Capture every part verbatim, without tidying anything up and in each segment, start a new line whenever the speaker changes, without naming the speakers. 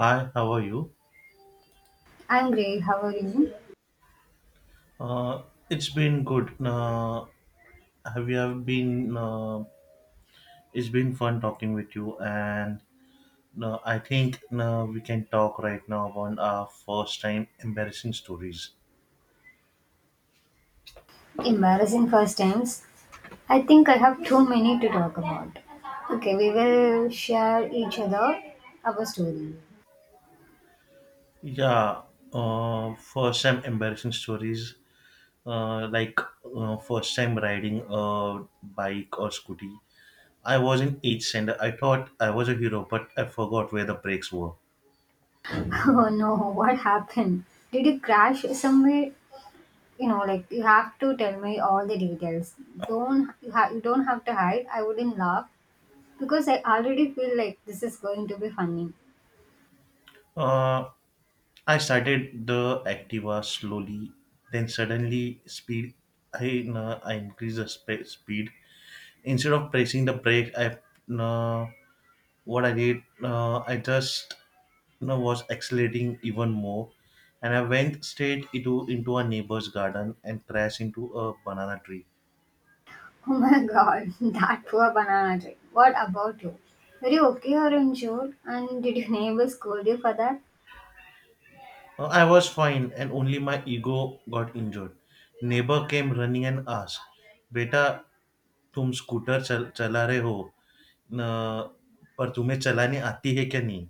Hi, how are you?
I'm great. How are you?
Uh, it's been good. Uh, have you have been? Uh, it's been fun talking with you, and uh, I think uh, we can talk right now about our first time embarrassing stories.
Embarrassing first times. I think I have too many to talk about. Okay, we will share each other our story.
Yeah, uh, first time embarrassing stories, uh, like uh, first time riding a bike or scooty. I was in eighth standard. I thought I was a hero, but I forgot where the brakes were.
Oh no, what happened? Did you crash somewhere? You know, like you have to tell me all the details. Don't you, ha- You don't have to hide. I wouldn't laugh because I already feel like this is going to be funny.
Uh, I started the Activa slowly, then suddenly speed. I, uh, I increased the spe- speed instead of pressing the brake. I uh, what I did, uh, I just you know, was accelerating even more, and I went straight into into a neighbor's garden and crashed into a banana tree.
Oh my god, that poor banana tree. What about you? Were you okay or injured? And did your neighbors scold you for that?
Uh, I was fine, and only my ego got injured. Neighbor came running and asked, "Beta, तुम scooter चल चला रहे हो न, पर तुम्हें चलानी आती है क्या नहीं?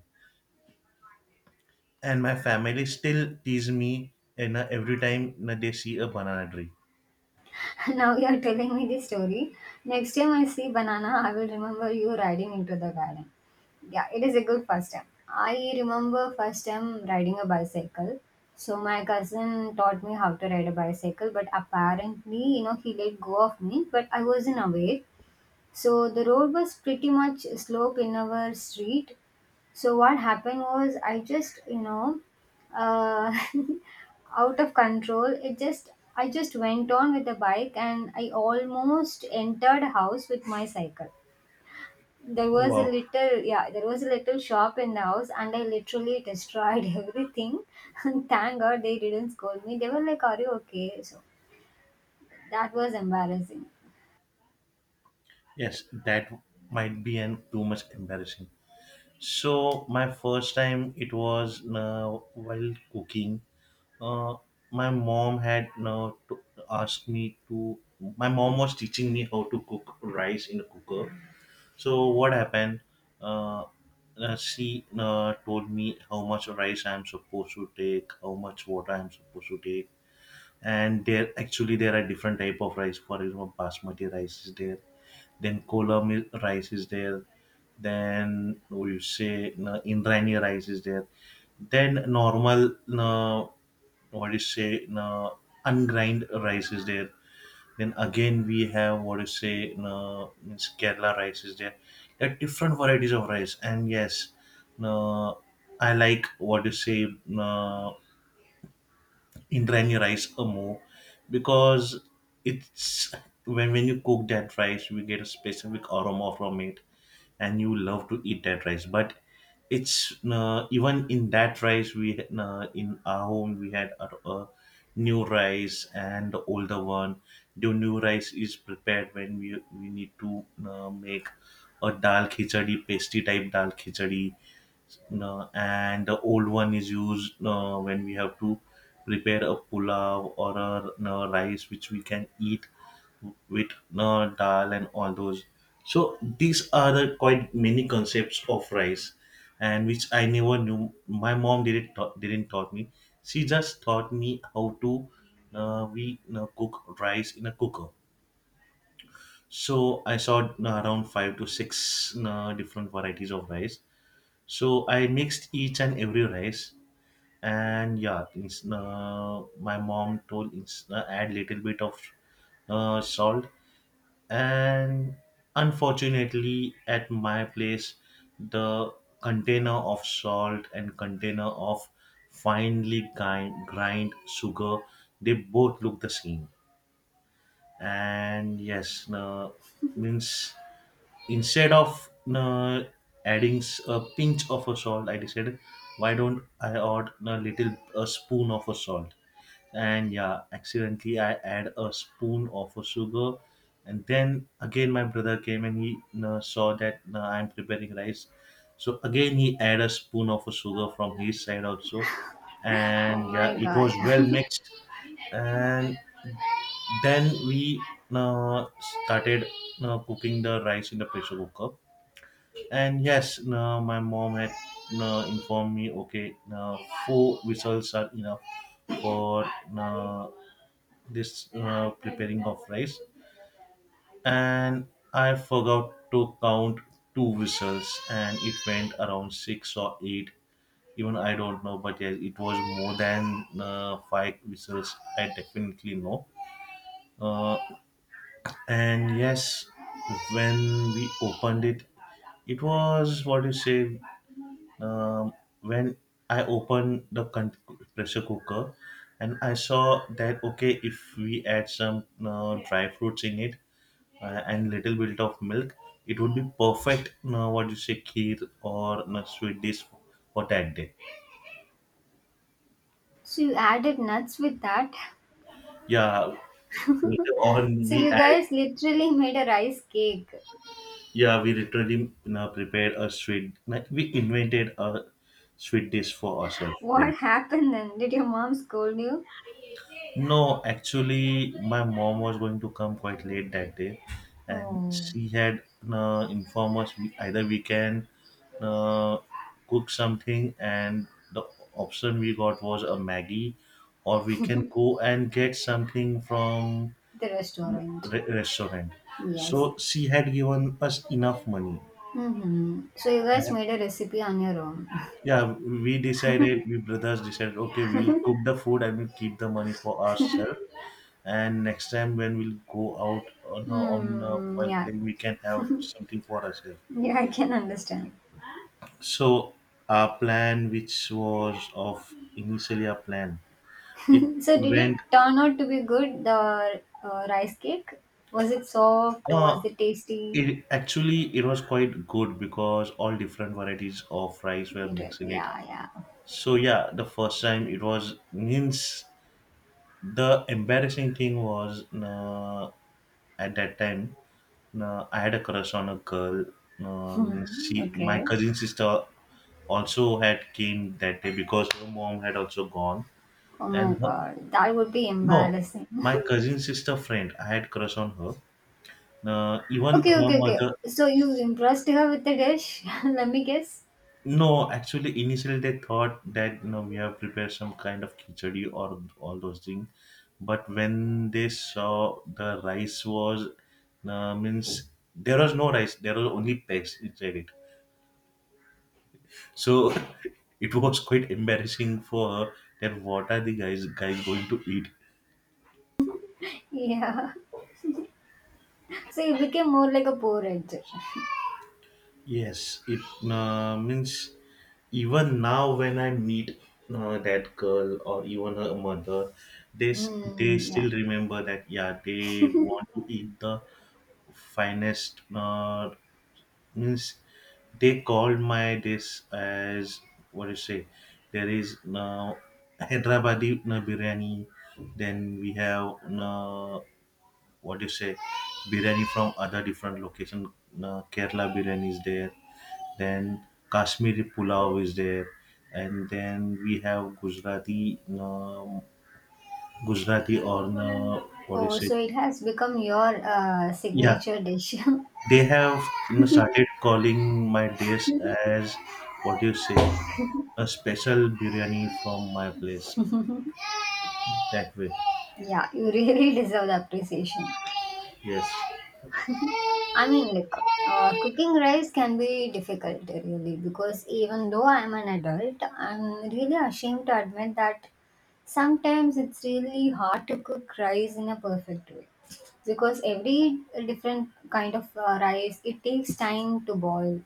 And my family still tease me, and every time न they C a banana tree."
Now you are telling me this story. Next time I see banana, I will remember you riding into the garden. Yeah, it is a good first time. I remember first time riding a bicycle. So my cousin taught me how to ride a bicycle, but apparently, you know, he let go of me, but I wasn't aware. So the road was pretty much slope in our street, so what happened was I just, you know, uh, out of control. It just I just went on with the bike and I almost entered house with my cycle. There was a
Wow.
little yeah, there was a little shop in the house and I literally destroyed everything. And thank God they didn't scold me. They were like, "Are you okay?" So that was embarrassing.
Yes, that might be an too much embarrassing, so my first time it was uh, while cooking. uh, my mom had uh, to asked me to my mom was teaching me how to cook rice in a cooker. So what happened? Uh, uh, she uh, told me how much rice I'm supposed to take, how much water I'm supposed to take, and there actually there are different type of rice. For example, basmati rice is there, then kola mil- rice is there, then we say uh, Indrani rice is there, then normal uh, what do you say uh, ungrind rice is there, then again, we have what you say, no, means Kerala rice is there. There are different varieties of rice, and yes, no, I like what you say, no, Indian rice or more, because it's when when you cook that rice, we get a specific aroma from it, and you love to eat that rice. But it's, uh, even in that rice, we, uh, in our home we had a, a new rice and the older one. The new rice is prepared when we we need to uh, make a dal khichdi, pasty type dal khichdi, no, and the old one is used uh, when we have to prepare a pulao or a, no, rice which we can eat with, no, dal and all those. So these are the quite many concepts of rice, and which I never knew. My mom didn't taught, didn't taught me. She just taught me how to uh, we uh, cook rice in a cooker. So I saw uh, around five to six uh, different varieties of rice, so I mixed each and every rice, and yeah, it's, uh, my mom told, it's, uh, add little bit of uh, salt. And unfortunately, at my place, the container of salt and container of finely grind, grind sugar, they both look the same. And yes, uh, means, instead of uh, adding s- a pinch of a salt, I decided, why don't I add a little a spoon of a salt? And yeah, accidentally I add a spoon of a sugar. And then again my brother came and he uh, saw that uh, I'm preparing rice, so again he add a spoon of a sugar from his side also.
Oh
And yeah,
my
it
god.
was well mixed. And then we uh, started uh, cooking the rice in the pressure cooker. And yes, no, my mom had, no, informed me, okay, no, four whistles are enough for, no, this uh, preparing of rice. And I forgot to count two whistles, and it went around six or eight. Even I don't know, but yes, it was more than uh, five whistles, I definitely know. Uh, and yes, when we opened it, it was what you say. Um, when I opened the con- pressure cooker, and I saw that, okay, if we add some uh, dry fruits in it uh, and little bit of milk, it would be perfect. Uh, what you say, kheer or uh, sweet dish for that day.
So you added nuts with that.
Yeah, later on
So
we
you
add.
guys literally made a rice cake.
Yeah, we literally you know, prepared a sweet. Like, we invented a sweet dish for ourselves.
What happened then? Did your mom scold you?
No, actually, my mom was going to come quite late that day, and
Oh,
she had uh, informed us we, either we can uh, cook something, and the option we got was a Maggie, or we can go and get something from
the restaurant.
re- restaurant.
Yes.
So she had given us enough money.
Mm-hmm. So you guys made a recipe on your own.
Yeah, we decided, we brothers decided, okay, we'll cook the food and we'll keep the money for ourselves. And next time when we'll go out on our- on uh,
Hmm.
while
Yeah.
playing, we can have something for ourselves.
Yeah, I can understand.
So our plan, which was of initially a plan, it
So did it
went.
turn out to be good? The uh, rice cake, was it soft?
Uh,
Was it tasty?
it actually it was quite good because all different varieties of rice were
It,
mixed in it.
yeah, yeah.
So yeah, the first time it was, means, the embarrassing thing was, uh, at that time, uh, I had a crush on a girl. Um,
Hmm,
she, my
okay.
cousin sister, also had came that day because her mom had also gone.
Oh my
And her,
god, that would be
no,
embarrassing.
my cousin sister friend, I had crush on her. Uh, even
Okay,
her
okay, okay.
mother.
So you impressed her with the dish? Let me guess.
No, actually, initially they thought that you know, we have prepared some kind of khichdi or all those things. But when they saw the rice was, uh, means there was no rice, there was only pegs inside it. So it was quite embarrassing for her, that what are the guys guys going to eat?
Yeah. So it became more like a porridge.
Yes, it, uh, means, even now when I meet uh, that girl or even her mother, they s- they
Mm, yeah.
still remember that, yeah, they want to eat the finest, uh, means, they called my this as what you say. There is now Hyderabadi uh, biryani, then we have uh, what do you say, biryani from other different location, uh, Kerala biryani is there, then Kashmiri pulao is there, and then we have Gujarati, um, Gujarati or uh, what do you
Oh,
say.
so it has become your uh,
Yeah,
signature dish.
they have you know, started calling my dish as what do you say, a special biryani from my place, that way.
Yeah, you really deserve the appreciation.
Yes.
I mean, like, uh, cooking rice can be difficult, really, because even though I'm an adult, I'm really ashamed to admit that sometimes it's really hard to cook rice in a perfect way because every different kind of uh, rice it takes time to boil.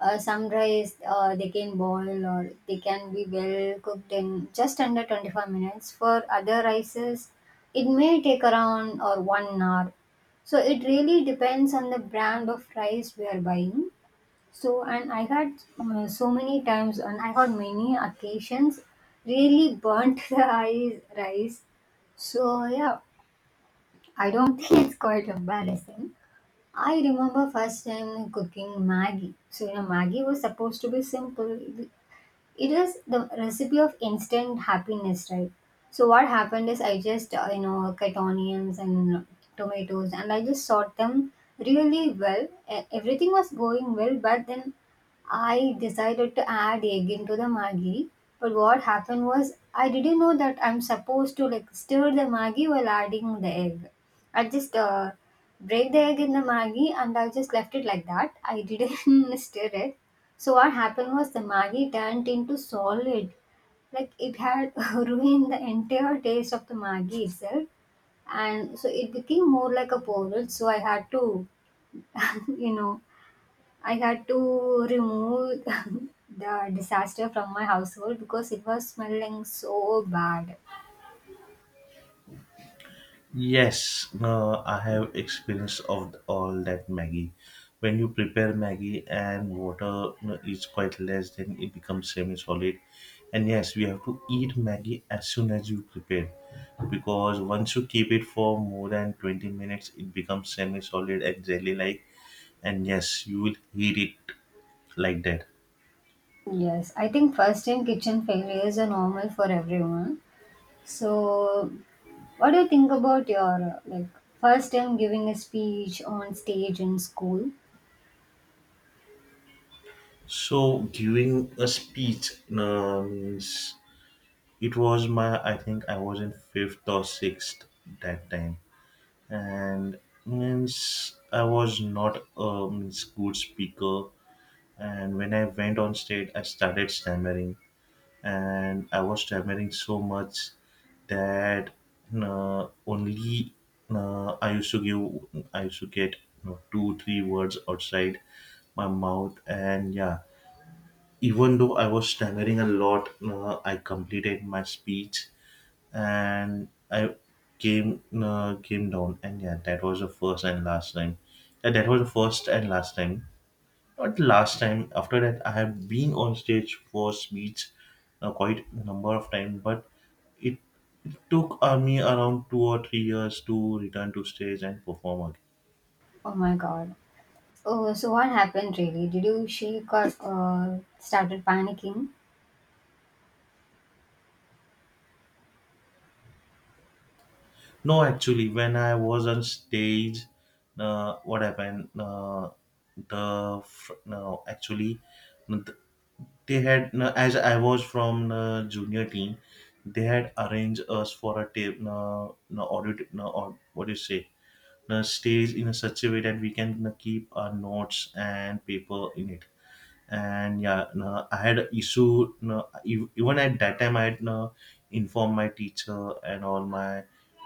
Uh, some rice uh, they can boil or they can be well cooked in just under twenty-five minutes. For other rices, it may take around or one hour. So it really depends on the brand of rice we are buying, so, and I had uh, so many times, and I had many occasions really burnt the eyes, rice. So, yeah, I don't think it's quite embarrassing. I remember first time cooking Maggie. So, you know, Maggie was supposed to be simple, it is the recipe of instant happiness, right? So what happened is I just uh, you know, cut onions and tomatoes and I just sort them really well. E- everything was going well, but then I decided to add egg into the Maggi, but what happened was I didn't know that I'm supposed to like stir the Maggi while adding the egg. I just uh, break the egg in the Maggi and I just left it like that. I didn't stir it. So what happened was the Maggi turned into solid. Like it had ruined the entire taste of the Maggi itself. And so it became more like a porridge. So I had to, you know, I had to remove the disaster from my household because it was smelling so bad.
Yes, uh, I have experience of all that Maggie. When you prepare Maggie and water uh, is quite less, then it becomes semi-solid. And yes, we have to eat Maggie as soon as you prepare, because once you keep it for more than twenty minutes, it becomes semi-solid and jelly-like. And yes, you will eat it like that.
Yes, I think first time kitchen failures are normal for everyone. So, what do you think about your like first time giving a speech on stage in school?
So giving a speech, uh, it was my, I think I was in fifth or sixth that time, and means I was not a means good speaker. And when I went on stage, I started stammering, and I was stammering so much that uh, only uh, I used to give, I used to get you know, two, three words outside my mouth, and yeah, even though I was stammering a lot, uh, I completed my speech, and I came uh, came down, and yeah, that was the first and last time. Yeah, that was the first and last time. Not the last time. After that, I have been on stage for speech, uh, quite a number of times, but it took uh, me around two or three years to return to stage and perform again.
Oh my god. Oh, so what happened really? Did you shake or uh, started panicking?
No, actually, when I was on stage, uh, what happened? Uh, the fr- no, actually, they had, no, as I was from the junior team, they had arranged us for a tape, no, no audit, no, or what do you say, no stage in a such a way that we can, no, keep our notes and paper in it. And yeah, no, I had an issue, no, ev- even at that time I had, no, informed my teacher and all my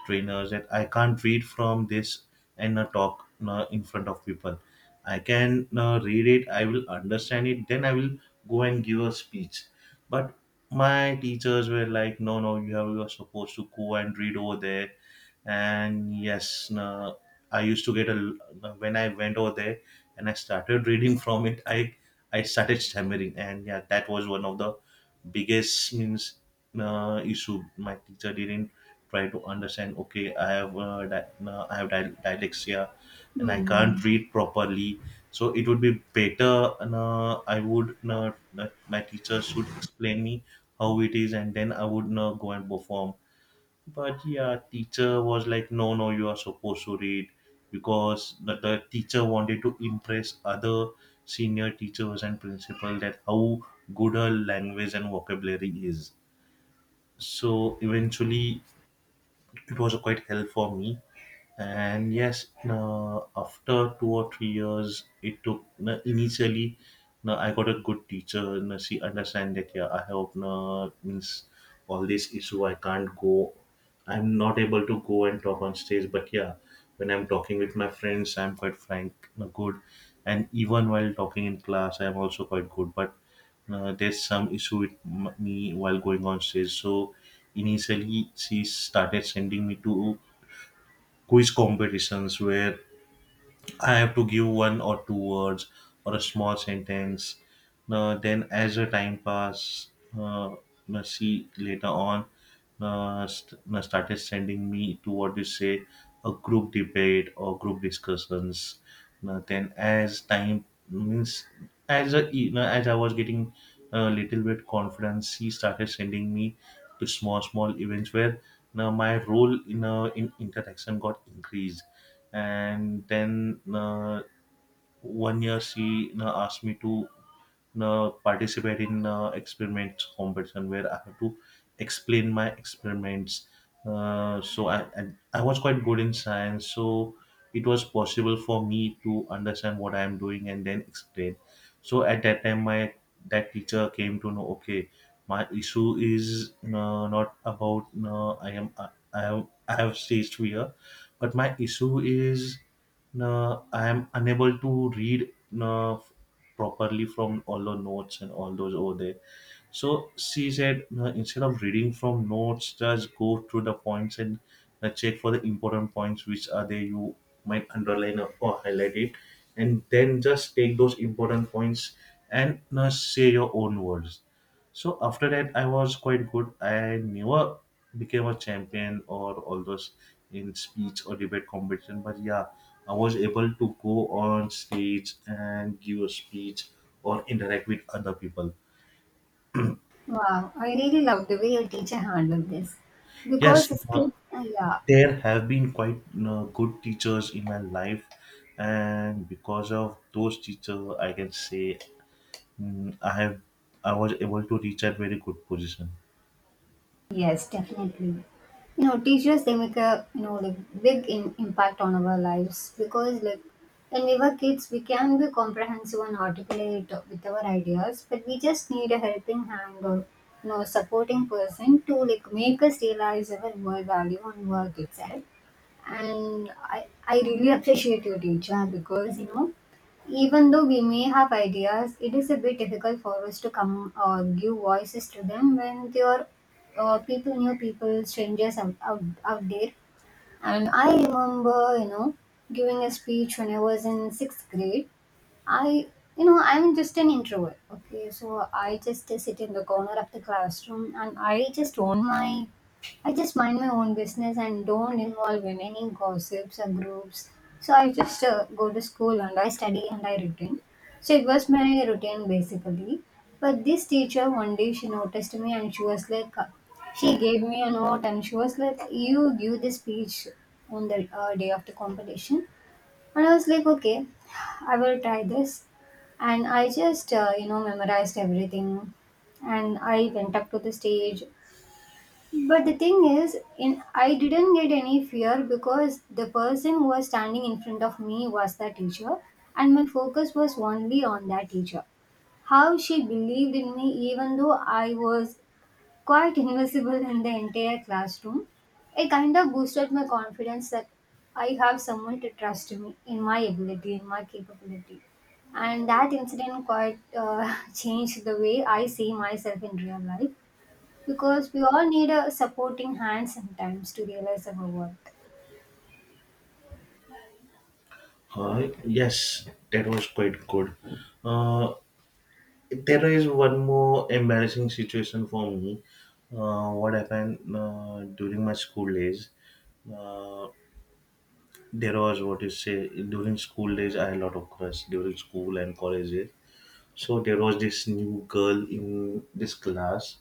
trainers that I can't read from this and, no, talk, no, in front of people. I can, no, read it, I will understand it, then I will go and give a speech. But my teachers were like, no, no, you have you are supposed to go and read over there. And yes, no, I used to get a l- when I went over there and I started reading from it, i I started stammering, and yeah, that was one of the biggest, means, uh, issue. My teacher didn't try to understand. Okay, I have uh, di- uh, I have di- dyslexia, and I can't
Hmm.
read properly. So it would be better. Uh, I would uh, uh, my teacher should explain me how it is, and then I would uh, go and perform, but yeah, teacher was like, no, no, you are supposed to read because the, the teacher wanted to impress other senior teachers and principal, that how good her language and vocabulary is. So eventually it was quite help for me. And yes, uh, after two or three years it took na, initially na, I got a good teacher na, she understand that yeah, I have no means all this issue, I can't go, I'm not able to go and talk on stage. But yeah, when I'm talking with my friends I'm quite frank na, good, and even while talking in class I'm also quite good. But uh, there's some issue with m- me while going on stage. So initially she started sending me to quiz competitions where I have to give one or two words or a small sentence. Uh, then, as the time pass, uh, uh, she later on uh, st- uh, started sending me to what you say a group debate or group discussions. Uh, then, as time means, as a, you know, as I was getting a little bit confidence, she started sending me to small small events where now my role in uh, in interaction got increased. And then uh, one year she uh, asked me to uh, participate in uh, experiments competition where I have to explain my experiments. Uh, so I, I I was quite good in science, so it was possible for me to understand what I am doing and then explain. So at that time, my that teacher came to know. Okay, my issue is uh, not about uh, I am I, I have I have stage fear, but my issue is uh, I am unable to read uh, properly from all the notes and all those over there. So she said, uh, instead of reading from notes, just go through the points and uh, check for the important points which are there. You might underline or or highlight it, and then just take those important points and uh, say your own words. So after that, I was quite good. I never became a champion or all those in speech or debate competition, but yeah, I was able to go on stage and give a speech or interact with other people.
Wow, I really love the way your teacher handled this
Yes,
because his
uh,
kid, uh, yeah.
there have been quite uh, good teachers in my life, and because of those teachers, I can say mm, I have I was able to reach a very good position.
Yes, definitely. You know, teachers they make a you know like big in, impact on our lives, because like when we were kids we can be comprehensive and articulate with our ideas, but we just need a helping hand or you know supporting person to like make us realize our more value and work itself. And I I really appreciate your teacher because you know even though we may have ideas, it is a bit difficult for us to come or give voices to them when they are uh, people, new people, strangers out, out, out there. And I remember, you know, giving a speech when I was in sixth grade. I, you know, I'm just an introvert. Okay, so I just sit in the corner of the classroom and I just own my, I just mind my own business and don't involve in any gossips or groups. So I just uh, go to school and I study and I return. So it was my routine basically. But this teacher one day she noticed me and she was like, uh, she gave me a note and she was like, you give this speech on the uh, day of the competition, and I was like, okay, I will try this. And I just, uh, you know, memorized everything. And I went up to the stage. But the thing is, in I didn't get any fear because the person who was standing in front of me was the teacher, and my focus was only on that teacher. How she believed in me, even though I was quite invisible in the entire classroom. It kind of boosted my confidence that I have someone to trust me in my ability, in my capability. And that incident quite uh, changed the way I see myself in real life because we all need a supporting hand sometimes to realize our worth.
Uh, yes, that was quite good. Uh, There is one more embarrassing situation for me. Uh, what happened uh, during my school days? Uh, there was what you say during school days. I had a lot of crush during school and college days. So there was this new girl in this class,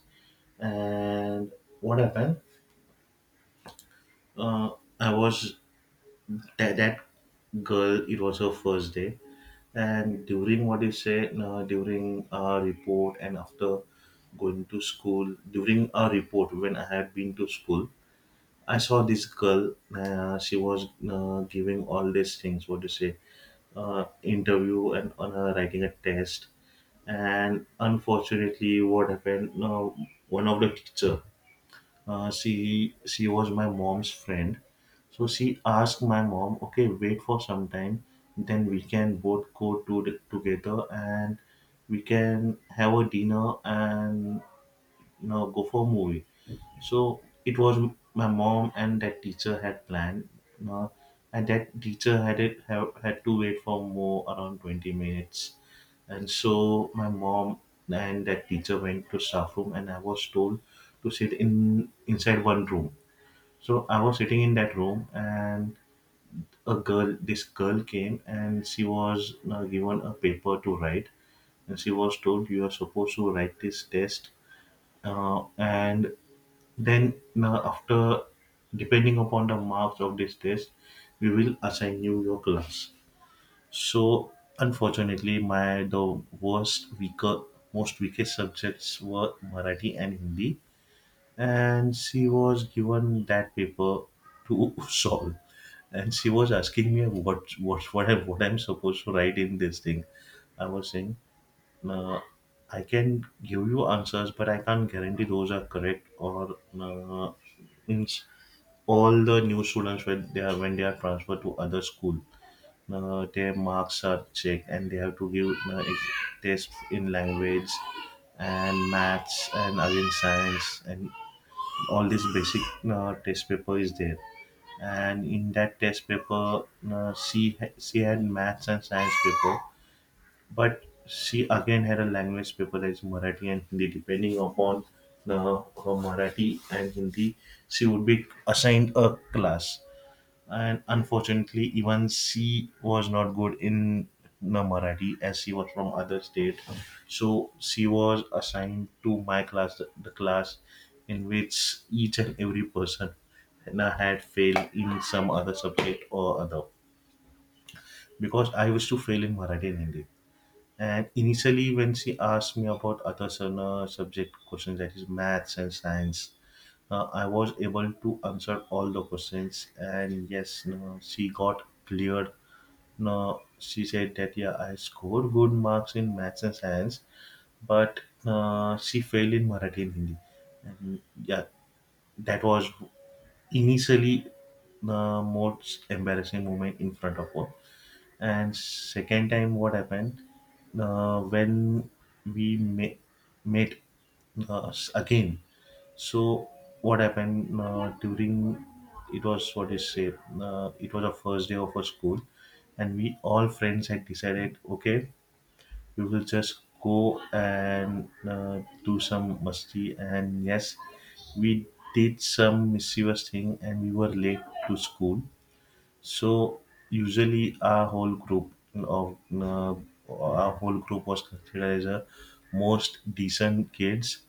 and what happened? Uh, I was that, that girl, it was her first day, and during what you say uh, during a report, and after going to school during a report, when I had been to school, I saw this girl, uh, she was uh, giving all these things, what you say, uh, interview and on her writing a test. And unfortunately what happened, uh, one of the teacher, uh, she she was my mom's friend, so she asked my mom, okay, wait for some time, then we can both go to the, together, and we can have a dinner and, you know, go for a movie. So it was m- my mom and that teacher had planned, uh, and that teacher had it have, had to wait for more around twenty minutes. And so my mom and that teacher went to staff room, and I was told to sit in inside one room. So I was sitting in that room, and a girl, this girl came, and she was uh, given a paper to write, and she was told, you are supposed to write this test, uh, and then, uh, after depending upon the marks of this test, we will assign you your class. So, unfortunately, my the worst weaker, most weakest subjects were Marathi and Hindi, and she was given that paper to solve. And she was asking me what what what I what I'm supposed to write in this thing. I was saying uh, I can give you answers, but I can't guarantee those are correct or uh, means all the new students when they are when they are transferred to other school, uh, their marks are checked and they have to give uh, ex- tests in language and maths and again science and all this basic uh, test paper is there. And in that test paper uh, she, ha- she had maths and science paper, but she again had a language paper, paperized Marathi and Hindi. Depending upon uh, her Marathi and Hindi, she would be assigned a class. And unfortunately, even she was not good in the Marathi, as she was from other state. So she was assigned to my class, the the class in which each and every person uh, had failed in some other subject or other. Because I used to fail in Marathi and Hindi. And initially, when she asked me about other sub- uh, subject questions, that is maths and science, uh, I was able to answer all the questions. And yes, no, she got cleared. No, she said that yeah, I scored good marks in maths and science, but uh, she failed in Marathi and Hindi. And yeah, that was initially the most embarrassing moment in front of her. And second time what happened, uh, when we ma- met uh, s- again. So what happened, uh, during, it was what is say, uh, it was the first day of our school, and we all friends had decided, okay, we will just go and uh, do some musti. And yes, we did some mischievous thing and we were late to school. So usually our whole group of uh, our whole group was considered as a most decent kids,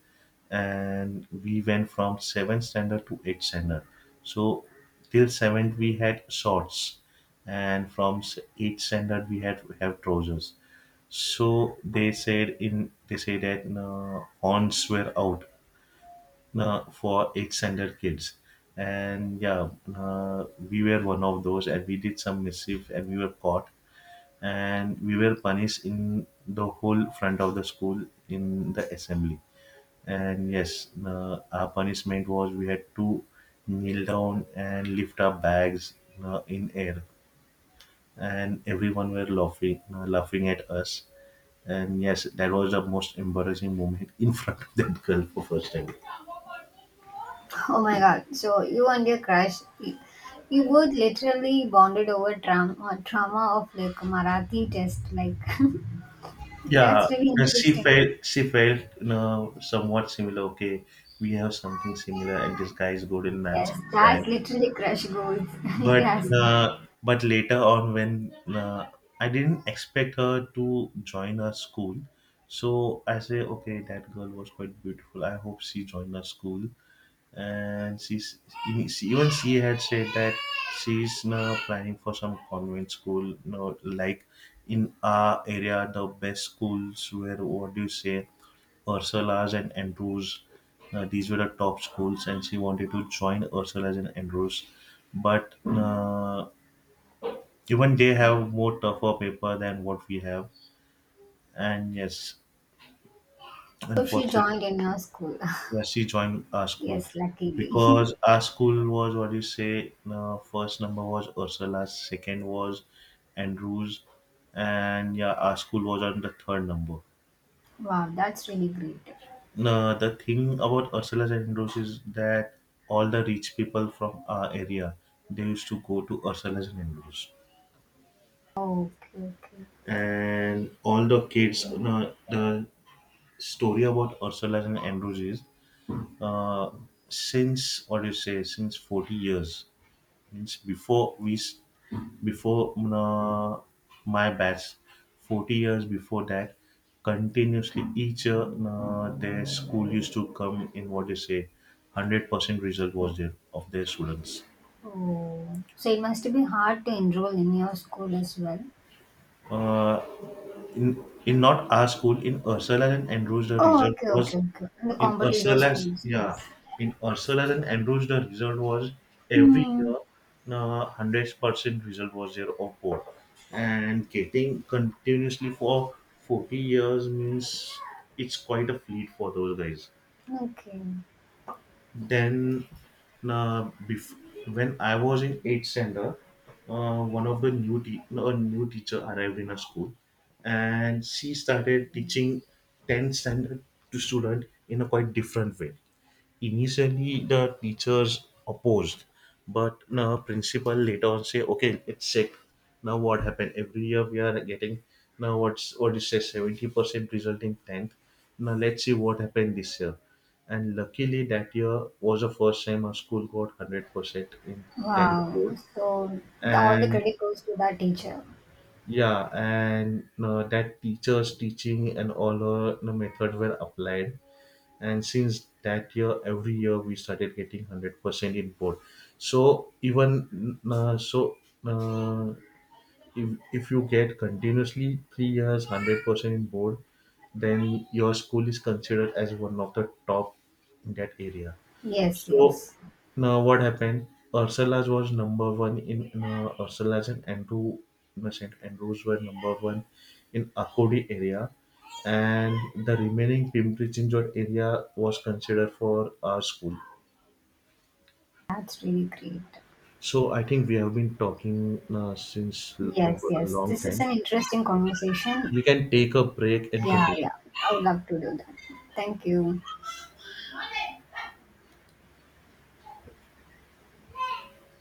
and we went from seventh standard to eighth standard. So till seventh we had shorts, and from s- eighth standard we had have trousers. So they said in they say that uh, horns were out uh, for extended kids. And yeah, uh, we were one of those and we did some mischief and we were caught, and we were punished in the whole front of the school in the assembly. And yes, uh, our punishment was we had to kneel down and lift our bags uh, in air, and everyone were laughing, uh, laughing at us. And yes, that was the most embarrassing moment in front of that girl for first time.
Oh my god, so you and your crush, you you both literally bonded over trauma, trauma of like a Marathi test, like.
Yeah,
That's really
and she
interesting.
felt she felt, you know, somewhat similar. Okay, we have something similar, and this guy is good in maths
Yes,
and
that's
science.
literally crush goals, if you
But
ask me.
uh, but later on, when uh, I didn't expect her to join our school, so I say, okay, that girl was quite beautiful, I hope she joined our school. And she's she, even she had said that she's now planning for some convent school no, like in our area the best schools were, what do you say, Ursula's and Andrews. Uh, these were the top schools and she wanted to join Ursula's and Andrews, but uh, even they have more tougher paper than what we have. And yes,
So she
unfortunately.
joined in your school.
Yeah, she joined our school
Yes, luckily.
because our school was, what you say, Uh, first number was Ursula, second was Andrews, and yeah, our school was on the third number.
Wow, that's really great.
No, the thing about Ursula's and Andrews is that all the rich people from our area, they used to go to Ursula's and Andrews,
Okay, okay.
and all the kids. No, the story about Ursula's and Andrews is, uh, since what do you say, since forty years, means before we s- before uh, my batch, forty years before that, continuously each year uh, their school used to come in, what they say, hundred percent result was there of their students.
Oh, so it must be hard to enroll in your school as well.
uh, In, in not our school, in Ursula and Andrews, the
Oh,
result
okay,
was,
okay, okay. In the
in
competitive
Ursula's,
schools.
yeah,
Yes.
in Ursula's and Andrews, the result was every
Hmm.
year, uh, hundred percent result was there of board, and getting continuously for forty years means it's quite a feat for those guys.
Okay.
Then, uh, bef- when I was in eighth standard, uh, one of the new te- a new teacher arrived in our school, and she started teaching tenth standard to student in a quite different way. Initially, the teachers opposed, but now principal later on say, "Okay, it's sick. Now what happened? Every year we are getting now what's what is say seventy percent result in tenth. Now let's see what happened this year." And luckily, that year was the first time our school got hundred percent in tenth
Wow.
board.
So the- all the
And
credit goes to that teacher.
yeah, and uh, that teachers teaching and all uh, the methods were applied, and since that year every year we started getting hundred percent in board. So even uh, so uh, if if you get continuously three years one hundred percent in board, then your school is considered as one of the top in that area.
Yes,
So
yes.
now what happened? Ursula's was number one in uh, Ursula's and Andrew, no, Saint Andrews were number one in Akodi area, and the remaining Pimpri area was considered for our school.
That's really great.
So I think we have been talking uh, since l-
Yes,
over a
yes.
long
This is
time.
an interesting conversation.
We can take a break and
Yeah, yeah. I would love to do that. Thank you.
continue.